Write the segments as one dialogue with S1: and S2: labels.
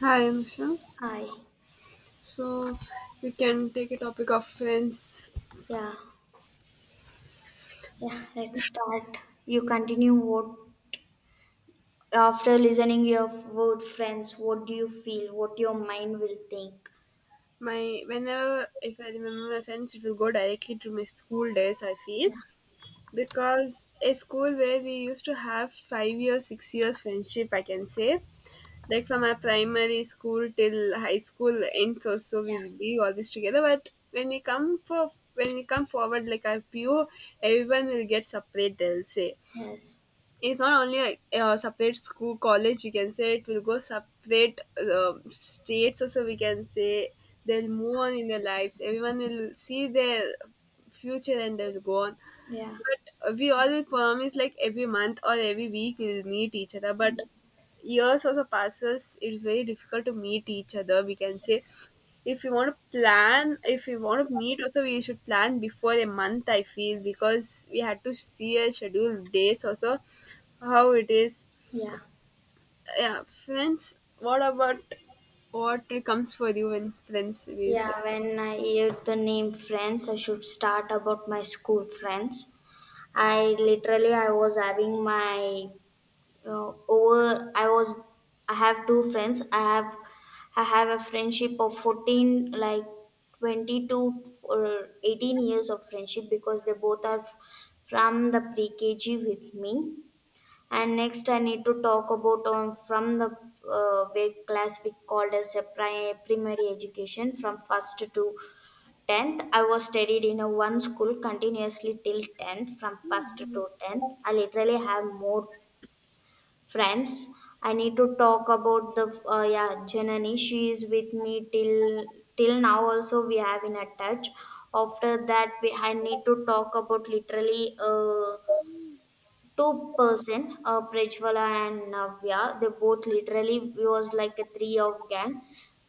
S1: Hi, Anusha.
S2: Hi.
S1: So we can take a topic of friends.
S2: Yeah. Yeah, let's start. You continue. What after listening your word friends, what do you feel? What your mind will think?
S1: My Whenever if I remember my friends, it will go directly to my school days. I feel
S2: Yeah.
S1: because a school where we used to have 5 years, 6 years friendship. I can say like from our primary school till high school ends. Also,
S2: Yeah.
S1: we'll be always together. But when we come forward, like our PO, everyone will get separate. They'll say
S2: Yes.
S1: it's not only a separate school college, we can say it will go separate, states also, we can say they'll move on in their lives. Everyone will see their future and they'll go on,
S2: Yeah.
S1: but we all promise like every month or every week we'll meet each other. But
S2: Yeah.
S1: years also passes, it's very difficult to meet each other, we can say.
S2: Yes.
S1: If you want to plan, if you want to meet also, we should plan before a month, I feel, because we had to see a scheduled dates also, how it is.
S2: Yeah.
S1: Yeah, friends. What about, what comes for you when friends we say?
S2: Yeah, when I hear the name friends, I should start about my school friends. I literally I was having my over I was i have two friends i have I have a friendship of 14, like 20 to or 18 years of friendship, because they both are from the pre-kg with me. And next I need to talk about on from the weight class, we called as a primary education. From first to 10th I was studied in a one school continuously till 10th. From first to 10th I literally have more friends. I need to talk about the yeah, Janani. She is with me till till now. Also, we have in a touch. After that, we I need to talk about literally. Two person, Prejwala and Navya, they both literally was like a three of gang.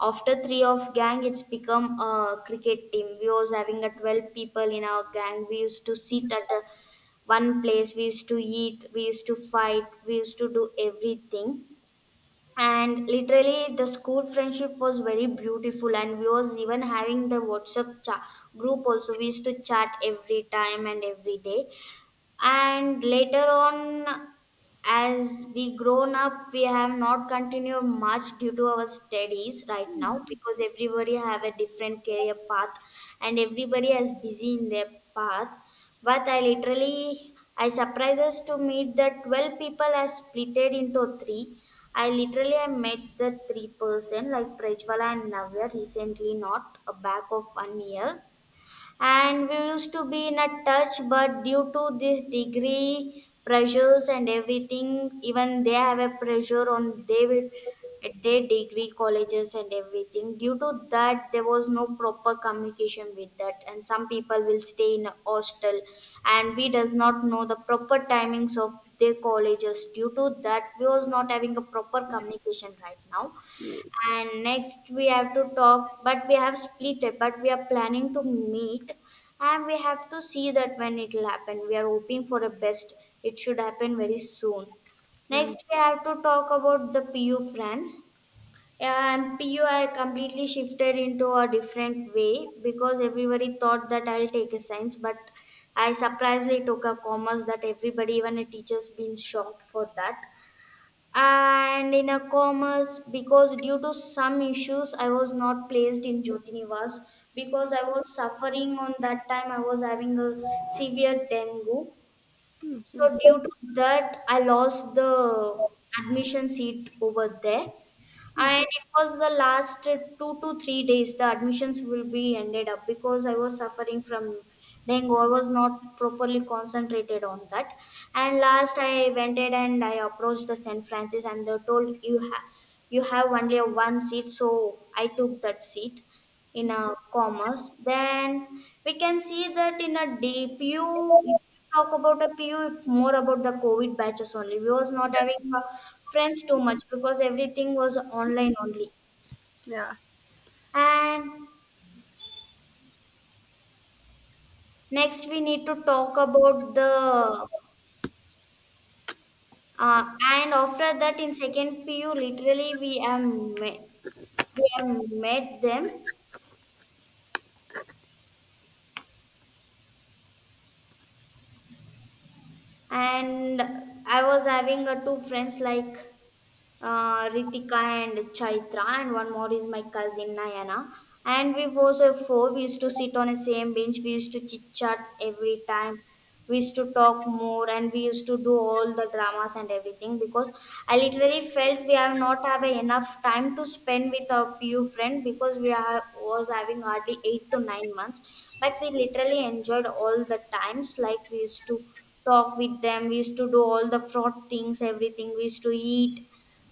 S2: After three of gang, it's become a cricket team. We was having a 12 people in our gang. We used to sit at a one place. We used to eat. We used to fight. We used to do everything. And literally, the school friendship was very beautiful. And we was even having the WhatsApp group also. We used to chat every time and every day, and later on, as we grown up, we have not continued much due to our studies right now, because everybody have a different career path and everybody is busy in their path. But I literally I surprises to meet that 12 people are splitted into three. I literally i met the three-person like Prajwala and Navya recently, not a back of one year. And we used to be in a touch, but due to this degree pressures and everything, even they have a pressure on. They will at their degree colleges and everything. Due to that, there was no proper communication with that, and some people will stay in a hostel, and we does not know the proper timings of their colleges. Due to that, we was not having a proper communication right now.
S1: Yes.
S2: And next we have to talk, but we have split it, but we are planning to meet, and we have to see that when it will happen. We are hoping for the best. It should happen very soon.
S1: Yeah.
S2: Next we have to talk about the PU friends. And PU I completely shifted into a different way, because everybody thought that I'll take a science, but I surprisingly took a commerce. That everybody, even a teacher's been shocked for that. And in a commerce, because due to some issues, I was not placed in Jyotinivas, because I was suffering on that time. I was having a severe dengue.
S1: Hmm, hmm.
S2: So due to that, I lost the admission seat over there. And it was the last two to three days the admissions will be ended up, because I was suffering from dengue. I was not properly concentrated on that. And last I went in and I approached the St. Francis, and they told you have only one seat, so I took that seat in a commerce. Then we can see that in a dpu, if you talk about a PU, it's more about the covid batches only. We was not
S1: Yeah.
S2: having friends too much, because everything was online only.
S1: Yeah.
S2: And next we need to talk about the uh, and after that in second PU literally we have met them. And I was having two friends like Ritika and Chaitra, and one more is my cousin Nayana. And we was a four. We used to sit on the same bench. We used to chit chat every time. We used to talk more, and we used to do all the dramas and everything, because I literally felt we have not have enough time to spend with our few friend, because we are was having hardly 8 to 9 months, but we literally enjoyed all the times. Like we used to talk with them, we used to do all the fraud things, everything, we used to eat,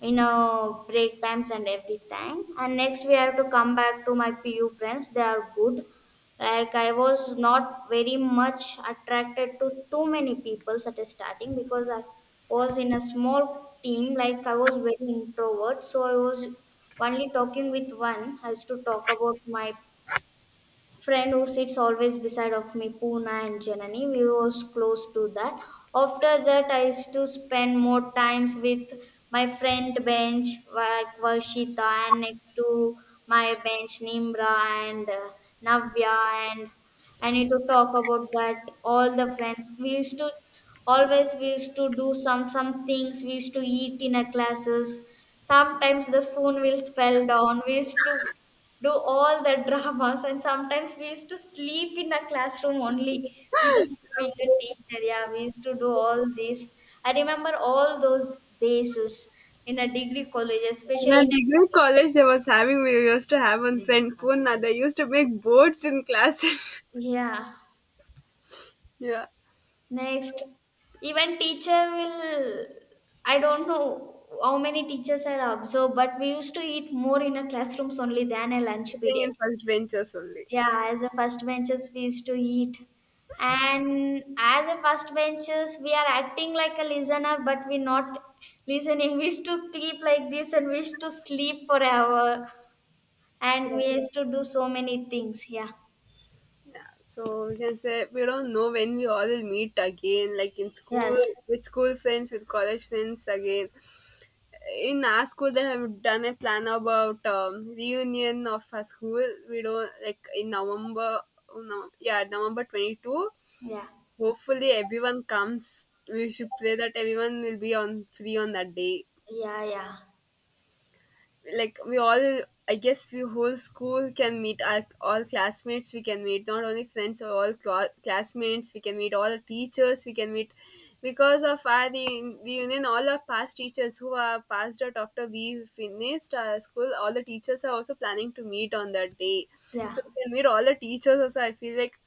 S2: you know, break times and everything. And next we have to come back to my PU friends. They are good. Like I was not very much attracted to too many people at the starting, because I was in a small team. Like I was very introvert, so I was only talking with one. As to talk about my friend who sits always beside of me, Puna and Janani, we was close to that. After that, I used to spend more times with my friend bench, like Varshita, and next to my bench Nimra, and Navya. And I need to talk about that all the friends, we used to always, we used to do some things. We used to eat in our classes. Sometimes the spoon will spell down, we used to do all the dramas. And sometimes we used to sleep in a classroom only without knowing the teacher. Yeah, we used to do all this. I remember all those days is in a degree college,
S1: In a
S2: especially in a
S1: degree college, they was having, we used to have one friend Poona. They used to make boards in classes.
S2: yeah
S1: Yeah.
S2: next even teacher will. I don't know how many teachers are observed, but we used to eat more in a classrooms only than a lunch
S1: Sitting
S2: period.
S1: in first benches only.
S2: Yeah, as a first benchers, we used to eat. And as a first benchers, we are acting like a listener, but we're not listening. We used to sleep like this, and we used to sleep forever.
S1: Yeah.
S2: And we used to do so many things. Yeah.
S1: Yeah, so we can say we don't know when we all will meet again, like in school
S2: Yes.
S1: with school friends, with college friends again. In our school, they have done a plan about reunion of our school. We don't, like in November, no, yeah, November 22.
S2: Yeah.
S1: Hopefully everyone comes. We should pray that everyone will be on free on that day,
S2: Yeah. Yeah.
S1: like we all, I guess we whole school can meet our all classmates, we can meet not only friends or all classmates, we can meet all teachers, we can meet because of our the reunion. All our past teachers who are passed out after we finished our school, all the teachers are also planning to meet on that day,
S2: Yeah.
S1: so we can meet all the teachers also, I feel like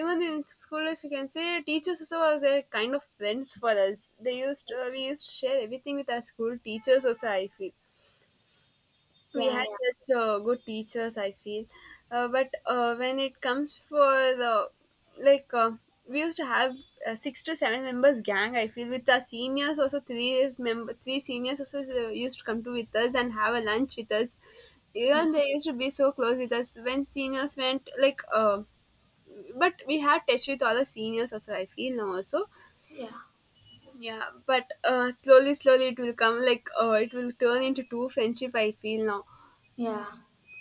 S1: even in school days we can say teachers also was a kind of friends for us. They used, we used to share everything with our school teachers also, I feel. We
S2: Yeah.
S1: had
S2: Yeah.
S1: such good teachers, I feel. But when it comes for the like, we used to have a 6 to 7 members gang, I feel. With our seniors also, three member, three seniors also used to come to with us and have a lunch with us.
S2: Yeah.
S1: Even they used to be so close with us when seniors went, like, but we had touch with all the seniors also, I feel, now also.
S2: Yeah.
S1: Yeah, but slowly slowly it will come, like, it will turn into two friendship, I feel now.
S2: Yeah.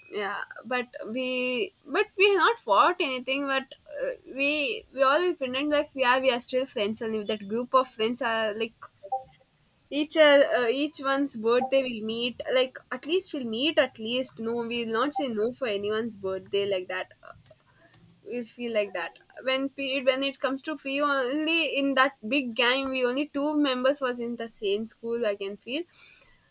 S1: Yeah, but we have not fought anything, but uh, we all pretend like we are still friends, and if that group of friends are like each, each one's birthday, we'll meet. Like at least we'll meet, at least no, we'll not say no for anyone's birthday, like that. We feel like that. When it comes to PU, only in that big gang we only two members was in the same school, I can feel.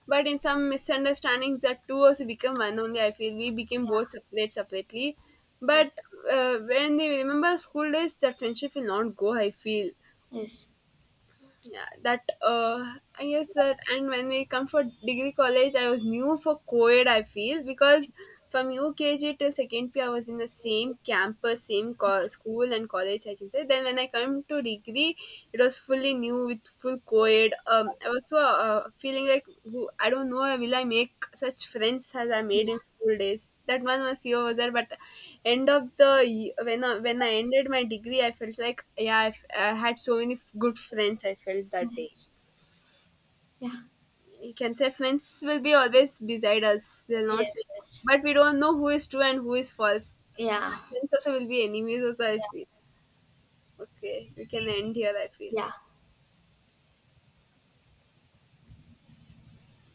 S1: But in some misunderstandings that two also become one only, I feel. We became both
S2: Yeah.
S1: separate separately. But
S2: Yes.
S1: when we remember school days, that friendship will not go, I feel.
S2: Yes.
S1: Yeah, that yes, sir. And when we come for degree college, I was new for co-ed, I feel, because from UKG till second p I was in the same campus, same school and college, I can say. Then when I come to degree, it was fully new with full co-ed. I was so, feeling like who, I don't know, will I make such friends as I made in school days. That one was, fear was there. But end of the y- when I ended my degree, I felt like, yeah, I had so many good friends, I felt that day.
S2: Yes. Yeah.
S1: You can say friends will be always beside us. They'll not
S2: Yes.
S1: say,
S2: Yes.
S1: but we don't know who is true and who is false.
S2: Yeah.
S1: Some friends also will be enemies also, I feel.
S2: Yeah.
S1: Okay, we can end here, I feel.
S2: Yeah.